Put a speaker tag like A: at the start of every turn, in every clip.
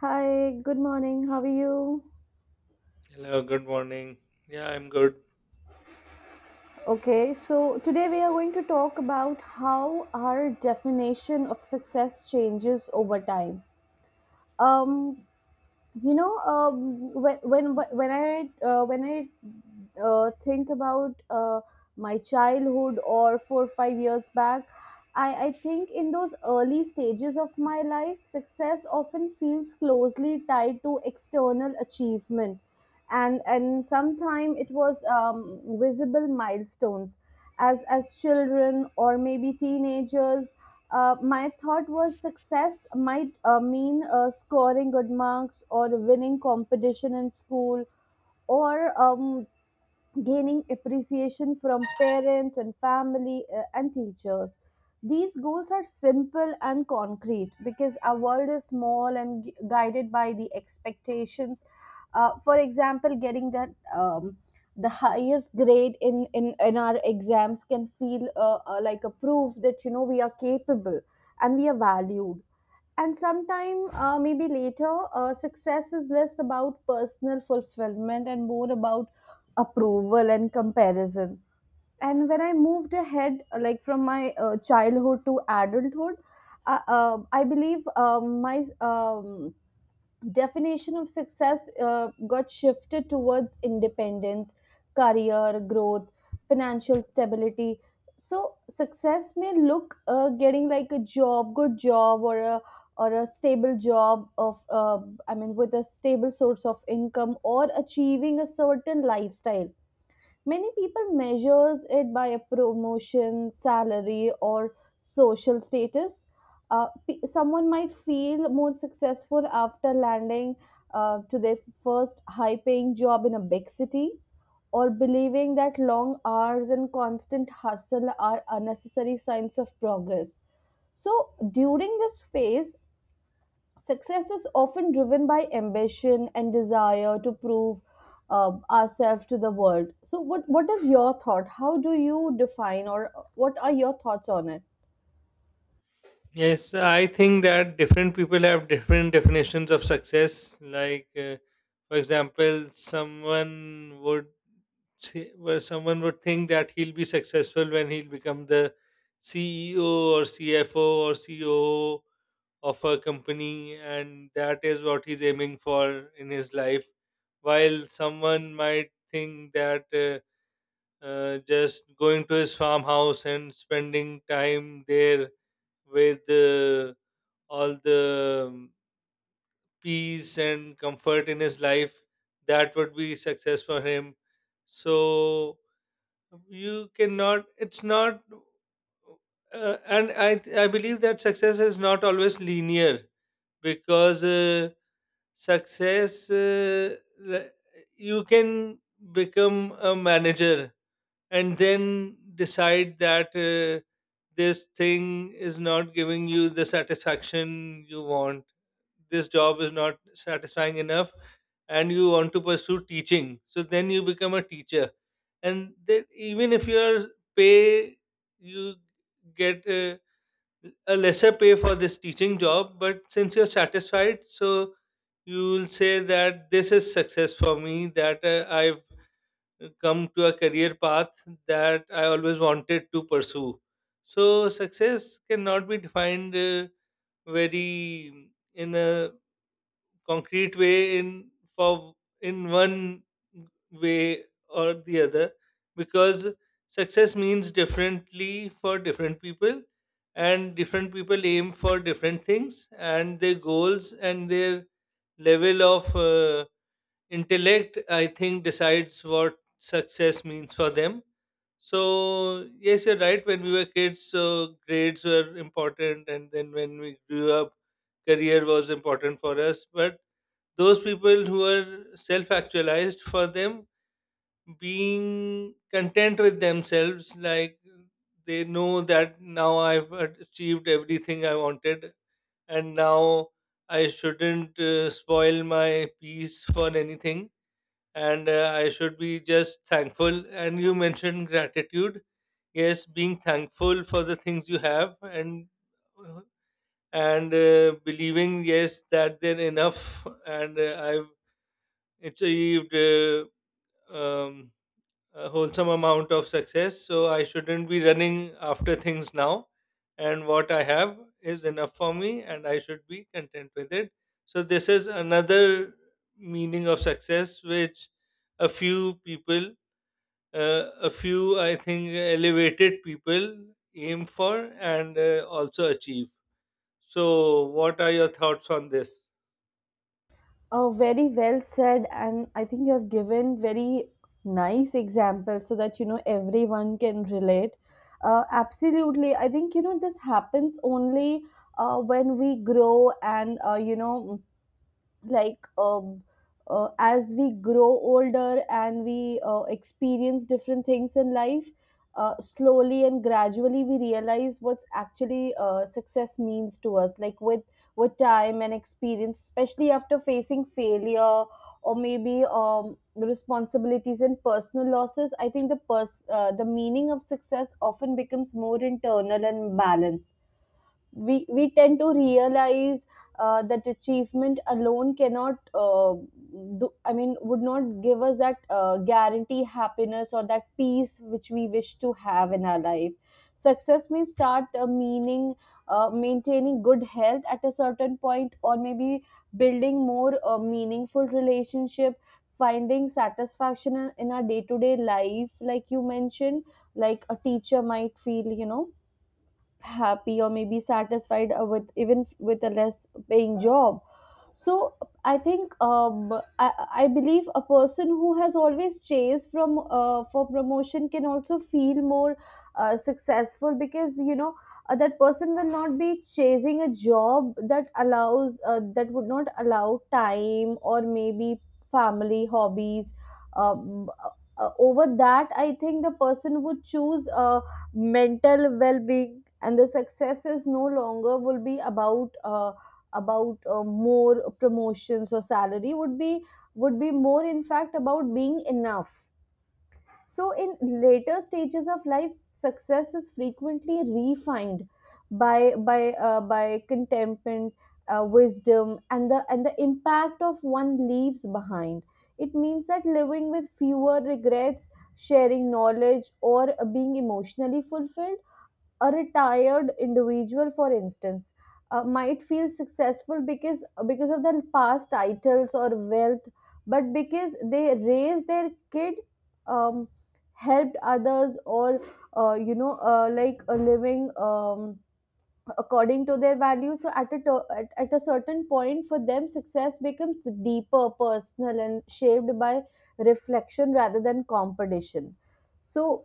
A: Hi, good morning. How are you?
B: Hello, good morning. Yeah, I'm good.
A: Okay, so today we are going to talk about how our definition of success changes over time. Um, when I think about my childhood or 4 or 5 years back. I think in those early stages of my life success often feels closely tied to external achievement, and sometimes it was visible milestones. As children or maybe teenagers, my thought was success might mean scoring good marks or winning competition in school, or gaining appreciation from parents and family and teachers. These goals are simple and concrete because our world is small and guided by the expectations. For example, getting that the highest grade in our exams can feel like a proof that, you know, we are capable and we are valued. And sometime maybe later, success is less about personal fulfillment and more about approval and comparison. And when I moved ahead, like from my childhood to adulthood, I believe my definition of success got shifted towards independence, career growth, financial stability. So success may look getting like a job, good job, or a stable job of I mean with a stable source of income, or achieving a certain lifestyle. Many people measures it by a promotion, salary, or social status. Someone might feel more successful after landing to their first high-paying job in a big city, or believing that long hours and constant hustle are unnecessary signs of progress. So during this phase, success is often driven by ambition and desire to prove ourselves to the world. So, what is your thought? How do you define, or what are your thoughts on it?
B: Yes, I think that different people have different definitions of success. Like, for example, someone would say, well, someone would think that he'll be successful when he'll become the CEO or CFO or CEO of a company, and that is what he's aiming for in his life. While someone might think that. Just going to his farmhouse and spending time there with all the peace and comfort in his life, that would be success for him. So you cannot, it's not, and I believe that success is not always linear because success, you can become a manager and then decide that this thing is not giving you the satisfaction you want, this job is not satisfying enough and you want to pursue teaching, so then you become a teacher. And then even if your pay, you get a lesser pay for this teaching job, but since you're satisfied, so you will say that this is success for me, that I've come to a career path that I always wanted to pursue. So success cannot be defined very in a concrete way in for in one way or the other because success means differently for different people, and different people aim for different things and their goals and their level of intellect, I think, decides what success means for them. So yes, you're right, when we were kids, so grades were important, and then when we grew up, career was important for us. But those people who are self actualized, for them, being content with themselves, like they know that now I've achieved everything I wanted, and now I shouldn't spoil my peace for anything, and I should be just thankful. And you mentioned gratitude. Yes, being thankful for the things you have, and and believing, yes, that they're enough, and I've achieved um, a wholesome amount of success. So I shouldn't be running after things now. And what I have is enough for me, and I should be content with it. So this is another meaning of success, which a few people, a few, I think, elevated people aim for, and also achieve. So what are your thoughts on this?
A: Very well said, and I think you have given very nice examples so that, you know, everyone can relate. Absolutely, I think, you know, this happens only when we grow, and like um, as we grow older and we experience different things in life. Slowly and gradually we realize what's actually success means to us, like with time and experience, especially after facing failure or maybe responsibilities and personal losses. I think the meaning of success often becomes more internal and balanced. We tend to realize that achievement alone cannot do I mean would not give us that guarantee happiness or that peace which we wish to have in our life. Success may start meaning maintaining good health at a certain point, or maybe building more meaningful relationship, finding satisfaction in our day-to-day life, like you mentioned. Like a teacher might feel, you know, happy or maybe satisfied with, even with a less paying job. So I think I believe a person who has always chased from for promotion can also feel more successful because, you know, that person will not be chasing a job that allows that would not allow time or maybe family hobbies. um, Over that I think the person would choose mental well-being, and the success is no longer will be about more promotions or salary, would be more in fact about being enough. So in later stages of life success is frequently refined by contentment, wisdom, and the impact of one leaves behind. It means that living with fewer regrets, sharing knowledge, or being emotionally fulfilled. A retired individual, for instance, might feel successful, because of their past titles or wealth, but because they raised their kid, um, helped others, or like a living according to their values. So at at a certain point for them, success becomes deeper, personal, and shaped by reflection rather than competition. So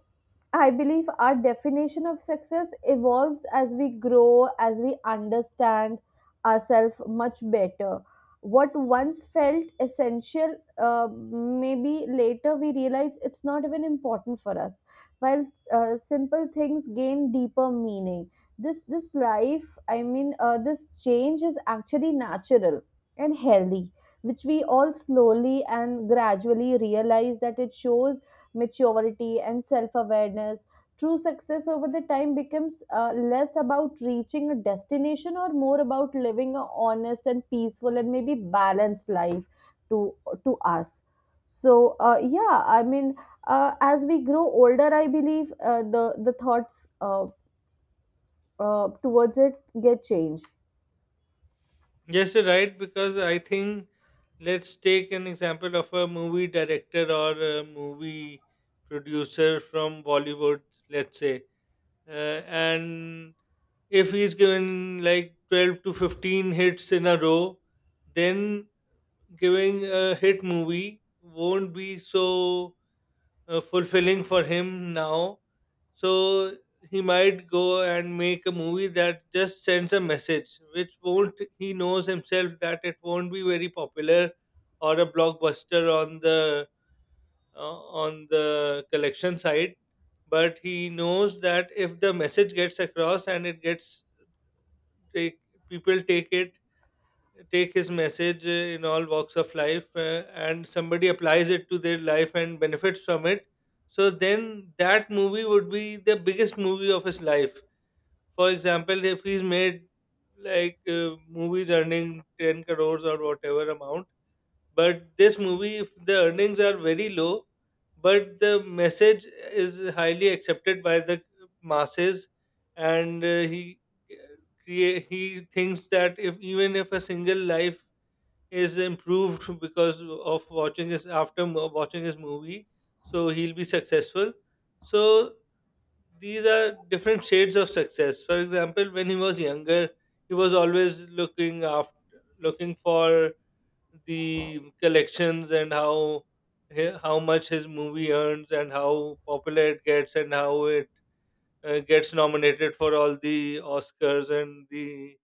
A: I believe our definition of success evolves as we grow, as we understand ourselves much better. What once felt essential, maybe later we realize it's not even important for us, while simple things gain deeper meaning. This life, this change is actually natural and healthy, which we all slowly and gradually realize, that it shows maturity and self awareness. True success over the time becomes less about reaching a destination or more about living a honest and peaceful and maybe balanced life, to to us. So yeah, I mean, as we grow older, I believe the thoughts uh, towards it get changed.
B: Yes, you're right, because I think, let's take an example of a movie director or a movie producer from Bollywood, let's say, uh, and if he's given like 12 to 15 hits in a row, then giving a hit movie won't be so fulfilling for him now. So he might go and make a movie that just sends a message, which won't, he knows himself that it won't be very popular or a blockbuster on the collection side. But he knows that if the message gets across, and it gets take, people take it, take his message in all walks of life, and somebody applies it to their life and benefits from it, so then that movie would be the biggest movie of his life. For example, if he's made like movies earning 10 crores or whatever amount, but this movie, if the earnings are very low but the message is highly accepted by the masses, and he create, he thinks that if even if a single life is improved because of watching his after mo- watching his movie, so he'll be successful. So these are different shades of success. For example, when he was younger, he was always looking after, looking for the collections and how he- how much his movie earns and how popular it gets and how it gets nominated for all the Oscars and the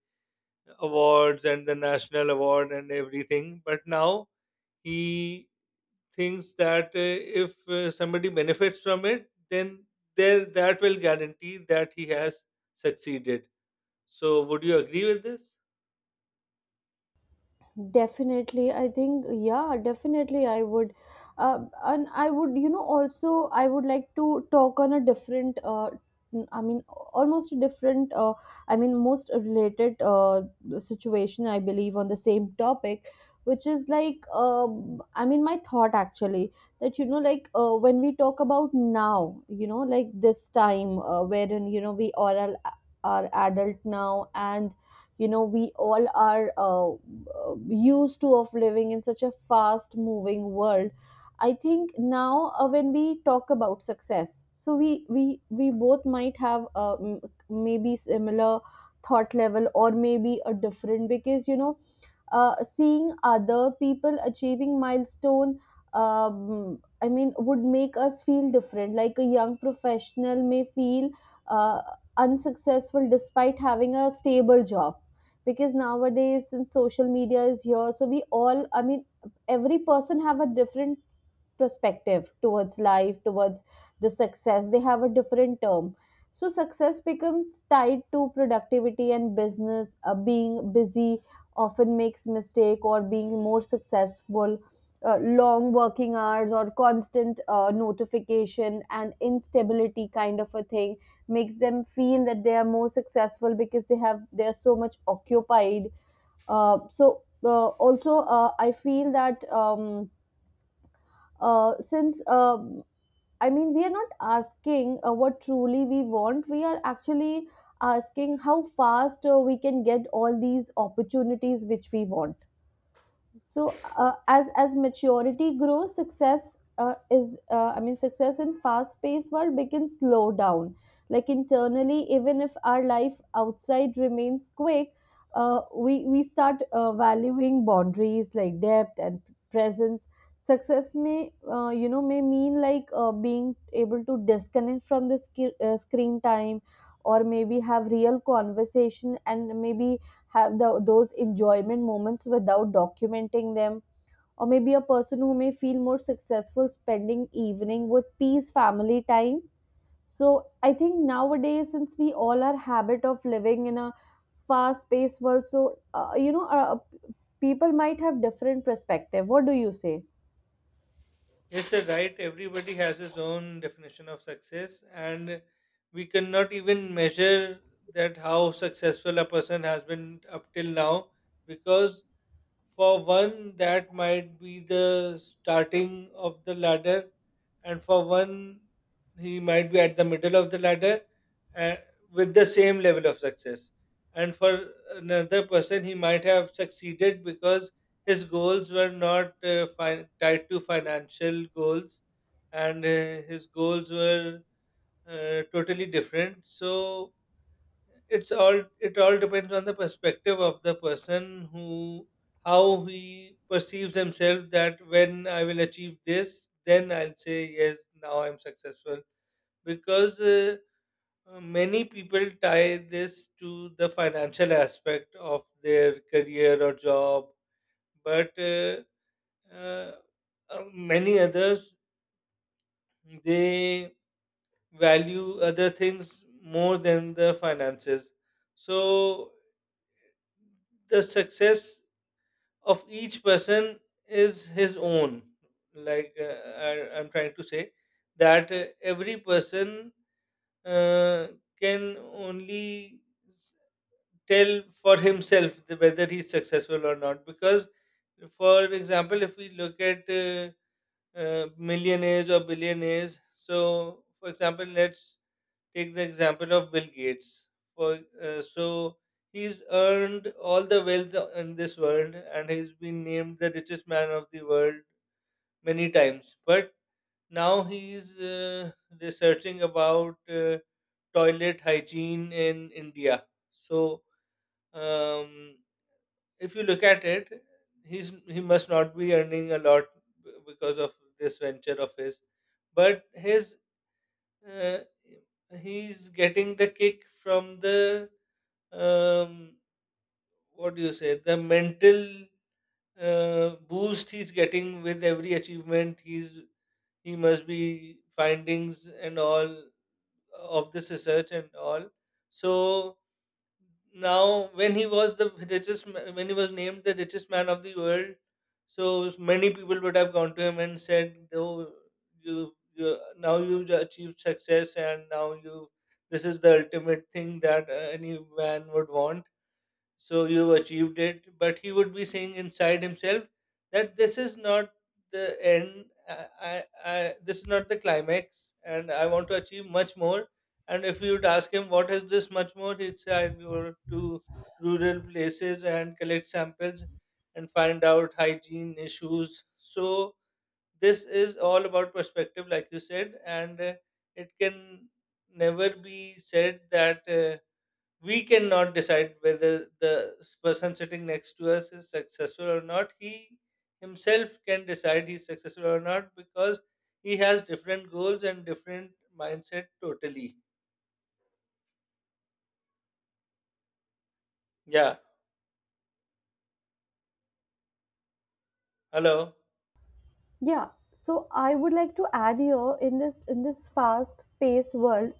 B: awards and the national award and everything. But now he thinks that if somebody benefits from it, then there that will guarantee that he has succeeded. So would you agree with this?
A: Definitely, I think, yeah, definitely I would, uh, and I would, you know, also I would like to talk on a different I mean almost a different I mean most related situation I believe on the same topic, which is like I mean my thought actually that, you know, like when we talk about now, you know, like this time wherein, you know, we all are adult now, and you know we all are used to of living in such a fast moving world. I think now when we talk about success, so we both might have maybe similar thought level or maybe a different, because you know seeing other people achieving milestone I mean would make us feel different. Like a young professional may feel uh, unsuccessful despite having a stable job, because nowadays since social media is here, so we all, I mean, every person have a different perspective towards life, towards the success. They have a different term. So success becomes tied to productivity and business. Being busy often makes mistake or being more successful. Long working hours or constant notification and instability kind of a thing makes them feel that they are more successful because they have they are so much occupied. So also I feel that. Since I mean we are not asking what truly we want. We are actually asking how fast we can get all these opportunities which we want. So as maturity grows, success is I mean success in fast paced world begins slow down, like internally, even if our life outside remains quick. uh, we start valuing boundaries like depth and presence. Success may, you know, may mean like being able to disconnect from the screen time, or maybe have real conversation, and maybe have those enjoyment moments without documenting them, or maybe a person who may feel more successful spending evening with peace family time. So I think nowadays since we all are habit of living in a fast paced world, so people might have different perspective. What do you say?
B: Yes sir, right, everybody has his own definition of success, and we cannot even measure that how successful a person has been up till now, because for one, that might be the starting of the ladder, and for one, he might be at the middle of the ladder uh, with the same level of success. And for another person, he might have succeeded because his goals were not tied to financial goals, and his goals were totally different. So, it's all, it all depends on the perspective of the person, who how he perceives himself, that when I will achieve this, then I'll say yes, now I'm successful. Because many people tie this to the financial aspect of their career or job, but uh, many others, they value other things more than the finances. So the success of each person is his own, like I'm trying to say that every person uh, can only s- tell for himself the- whether he's successful or not. Because for example, if we look at millionaires or billionaires, so for example, let's take the example of Bill Gates. For So he's earned all the wealth in this world, and he's been named the richest man of the world many times. But now he's researching about toilet hygiene in India. So um, if you look at it, he's he must not be earning a lot because of this venture of his. But his, uh, he's getting the kick from the um, what do you say, the mental boost he's getting with every achievement he's, he must be findings and all of this research and all. So now, when he was the richest when he was named the richest man of the world, so many people would have gone to him and said, oh, you, now you've achieved success, and now you, this is the ultimate thing that any man would want, so you've achieved it. But he would be saying inside himself that this is not the end. This is not the climax, and I want to achieve much more. And if you would ask him what is this much more, he'd say, I go to rural places and collect samples and find out hygiene issues. So this is all about perspective, like you said, and it can never be said that we cannot decide whether the person sitting next to us is successful or not. He himself can decide he's successful or not, because he has different goals and different mindset totally. Yeah. Hello.
A: Yeah, so I would like to add here, in this fast-paced world,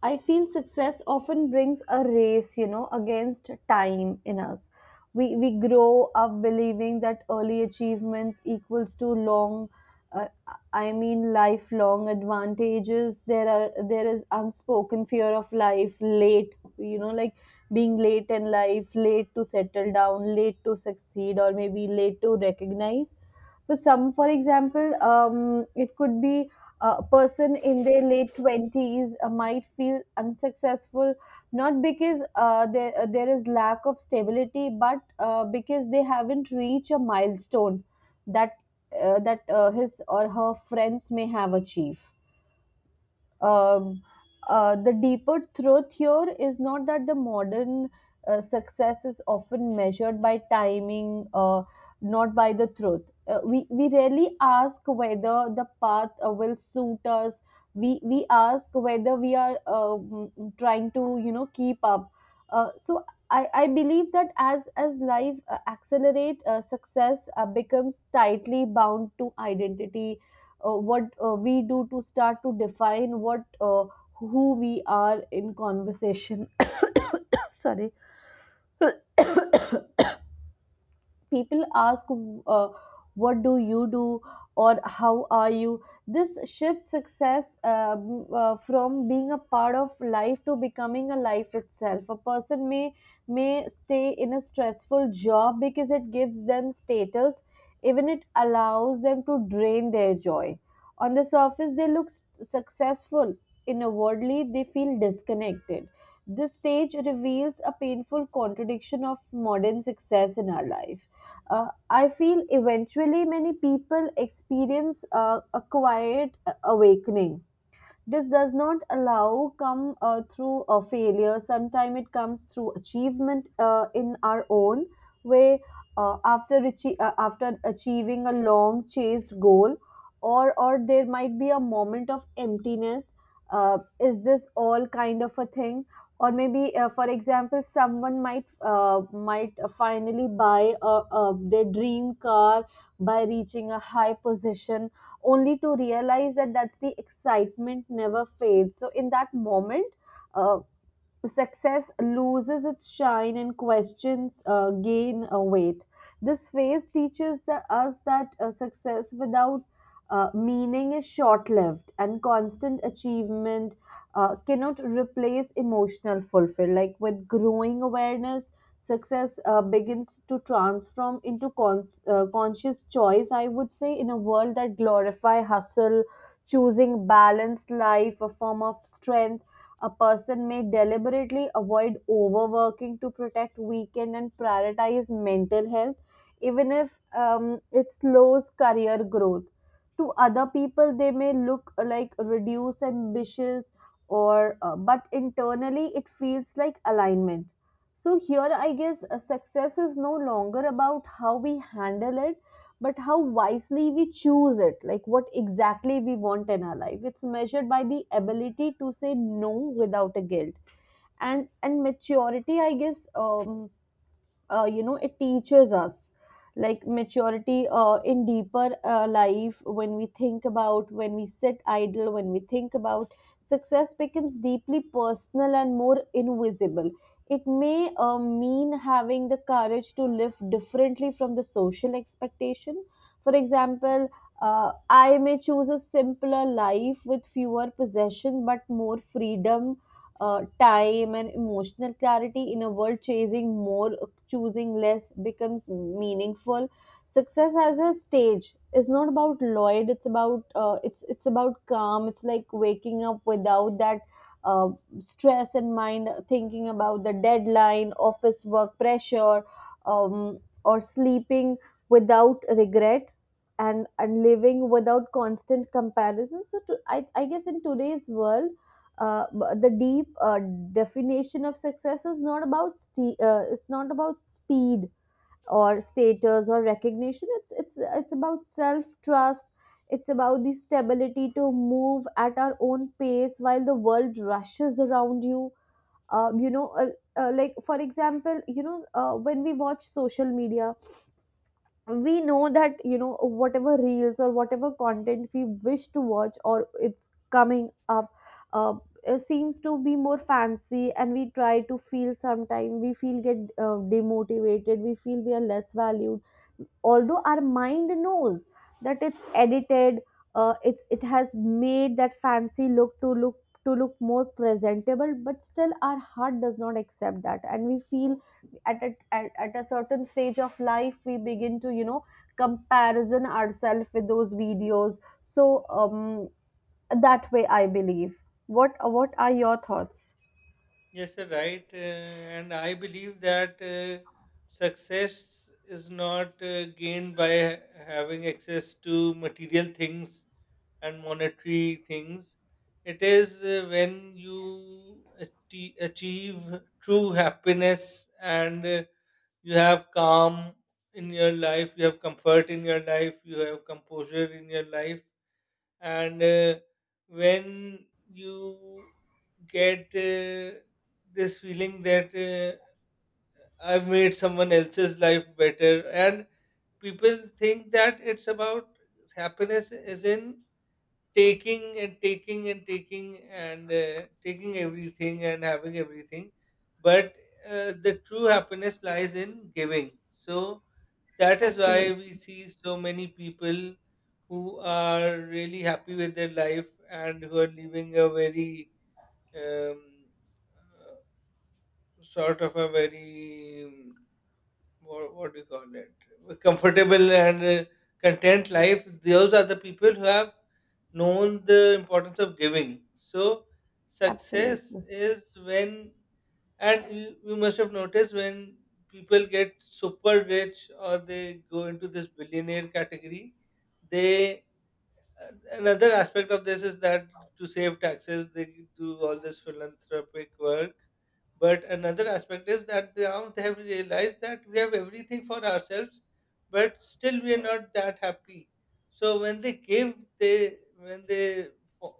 A: I feel success often brings a race, you know, against time in us. We grow up believing that early achievements equals to long, uh, I mean lifelong advantages. There is unspoken fear of life late, you know, like being late in life, late to settle down, late to succeed, or maybe late to recognize, for some. For example, it could be a person in their late 20s might feel unsuccessful, not because there is lack of stability but because they haven't reached a milestone that his or her friends may have achieved. um, the deeper truth here is not that the modern success is often measured by timing, not by the truth. We rarely ask whether the path will suit us. We ask whether we are trying to, you know, keep up. So I believe that as life accelerate, success becomes tightly bound to identity. What we do to start to define what, who we are in conversation. Sorry. People ask, uh, what do you do, or how are you? This shifts success um, from being a part of life to becoming a life itself. A person may stay in a stressful job because it gives them status, even it allows them to drain their joy. On the surface they successful, inwardly they feel disconnected. This stage reveals a painful contradiction of modern success in our life. I feel eventually many people experience a quiet awakening. This does not allow come through a failure. Sometimes it comes through achievement in our own way. After achieving a long chased goal, or there might be a moment of emptiness. Is this all kind of a thing? Or maybe, for example, someone might finally buy their dream car by reaching a high position only to realize that that's the excitement never fades. So in that moment, uh, success loses its shine and questions gain weight. This phase teaches us that success without meaning is short lived, and constant achievement cannot replace emotional fulfillment. Like with growing awareness, success begins to transform into conscious choice, I would say. In a world that glorify hustle, choosing balanced life, a form of strength, a person may deliberately avoid overworking to protect weekend and prioritize mental health, even if it slows career growth. To other people, they may look like reduced, ambitious, or but internally it feels like alignment. So here, I guess success is no longer about how we handle it but how wisely we choose it, like what exactly we want in our life. It's measured by the ability to say no without a guilt, and maturity, I guess. You know, it teaches us, like maturity in deeper life, when we think about, when we sit idle, when we think about success becomes deeply personal and more invisible. It may mean having the courage to live differently from the social expectation. For example, I may choose a simpler life with fewer possessions but more freedom, time and emotional clarity. In a world chasing more, choosing less becomes meaningful. Success as a stage is not about Lloyd. It's about it's about calm. It's like waking up without that uh, stress in mind, thinking about the deadline, office work pressure, um, or sleeping without regret, and living without constant comparison. So I guess in today's world, the deep definition of success is not about ste- it's not about speed or status or recognition. It's about self trust. It's about the stability to move at our own pace while the world rushes around you. You know Like, for example, when we watch social media, we know that, you know, whatever reels or whatever content we wish to watch, or it's coming up, uh, it seems to be more fancy and we try to feel, sometime we feel get demotivated, we feel we are less valued, although our mind knows that it's edited. It has made that fancy look to look, to look more presentable, but still our heart does not accept that and we feel at at a certain stage of life we begin to, you know, comparison ourselves with those videos. So, that way I believe. What are your thoughts?
B: Yes, you're right. And I believe that success is not gained by having access to material things and monetary things. It is when you achieve true happiness, and you have calm in your life, you have comfort in your life, you have composure in your life, and when you get this feeling that I've made someone else's life better. And people think that it's about happiness, as in taking and taking and taking and taking everything and having everything, but the true happiness lies in giving. So that is why
A: Absolutely.
B: we see so many people who are really happy with their life and who are living a very um, uh, sort of a very what do you call it a comfortable and content life. Those are the people who have known the importance of giving. So success
A: Absolutely.
B: is when, and you must have noticed, when people get super rich or they go into this billionaire category, they, another aspect of this is that to save taxes, they do all this philanthropic work. But another aspect is that they, now they have realized that we have everything for ourselves, but still we are not that happy. So when they give, they when they, fo-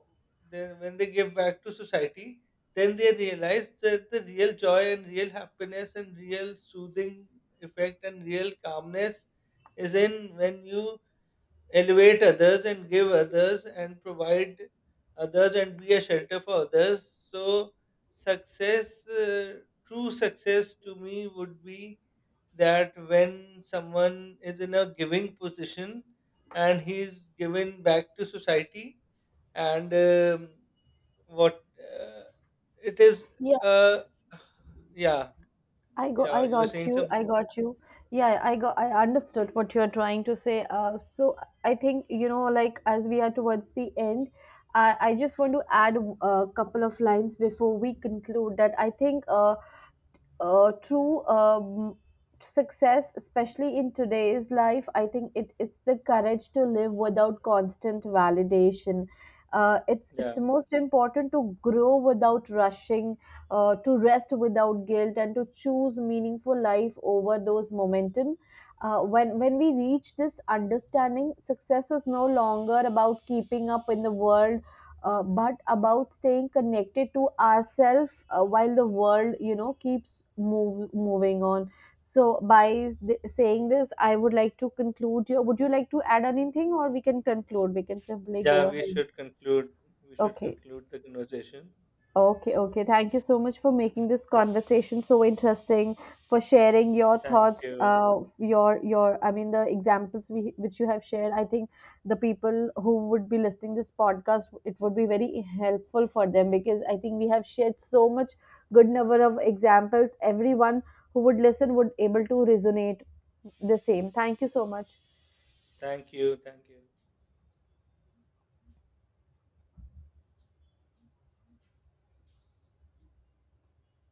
B: they when they give back to society, then they realize that the real joy and real happiness and real soothing effect and real calmness is in when you elevate others and give others and provide others and be a shelter for others. So, success, true success to me would be that when someone is in a giving position and he's given back to society, and what it is,
A: Yeah.
B: uh, yeah,
A: i go
B: yeah,
A: i
B: you were
A: got
B: saying
A: you, I
B: something?
A: got you. Yeah, I got, I understood what you're trying to say. So I think, you know, like as we are towards the end, I just want to add a couple of lines before we conclude that I think true success, especially in today's life, I think it's the courage to live without constant validation.
B: Yeah,
A: It's most important to grow without rushing, to rest without guilt, and to choose meaningful life over those momentum. When we reach this understanding, success is no longer about keeping up in the world, but about staying connected to ourselves while the world, you know, keeps moving on. Saying this, I would like to conclude. Your, would you like to add anything, or we can conclude, we can simply go
B: yeah, we
A: ahead?
B: should conclude. We should
A: Okay.
B: conclude the conversation.
A: Okay, okay. Thank you so much for making this conversation so interesting, for sharing your
B: Thank
A: thoughts,
B: you.
A: your I mean, the examples we which you have shared. I think the people who would be listening this podcast, it would be very helpful for them because I think we have shared so much good number of examples. Everyone who would listen would able to resonate the same. Thank you so much.
B: Thank you. Thank you.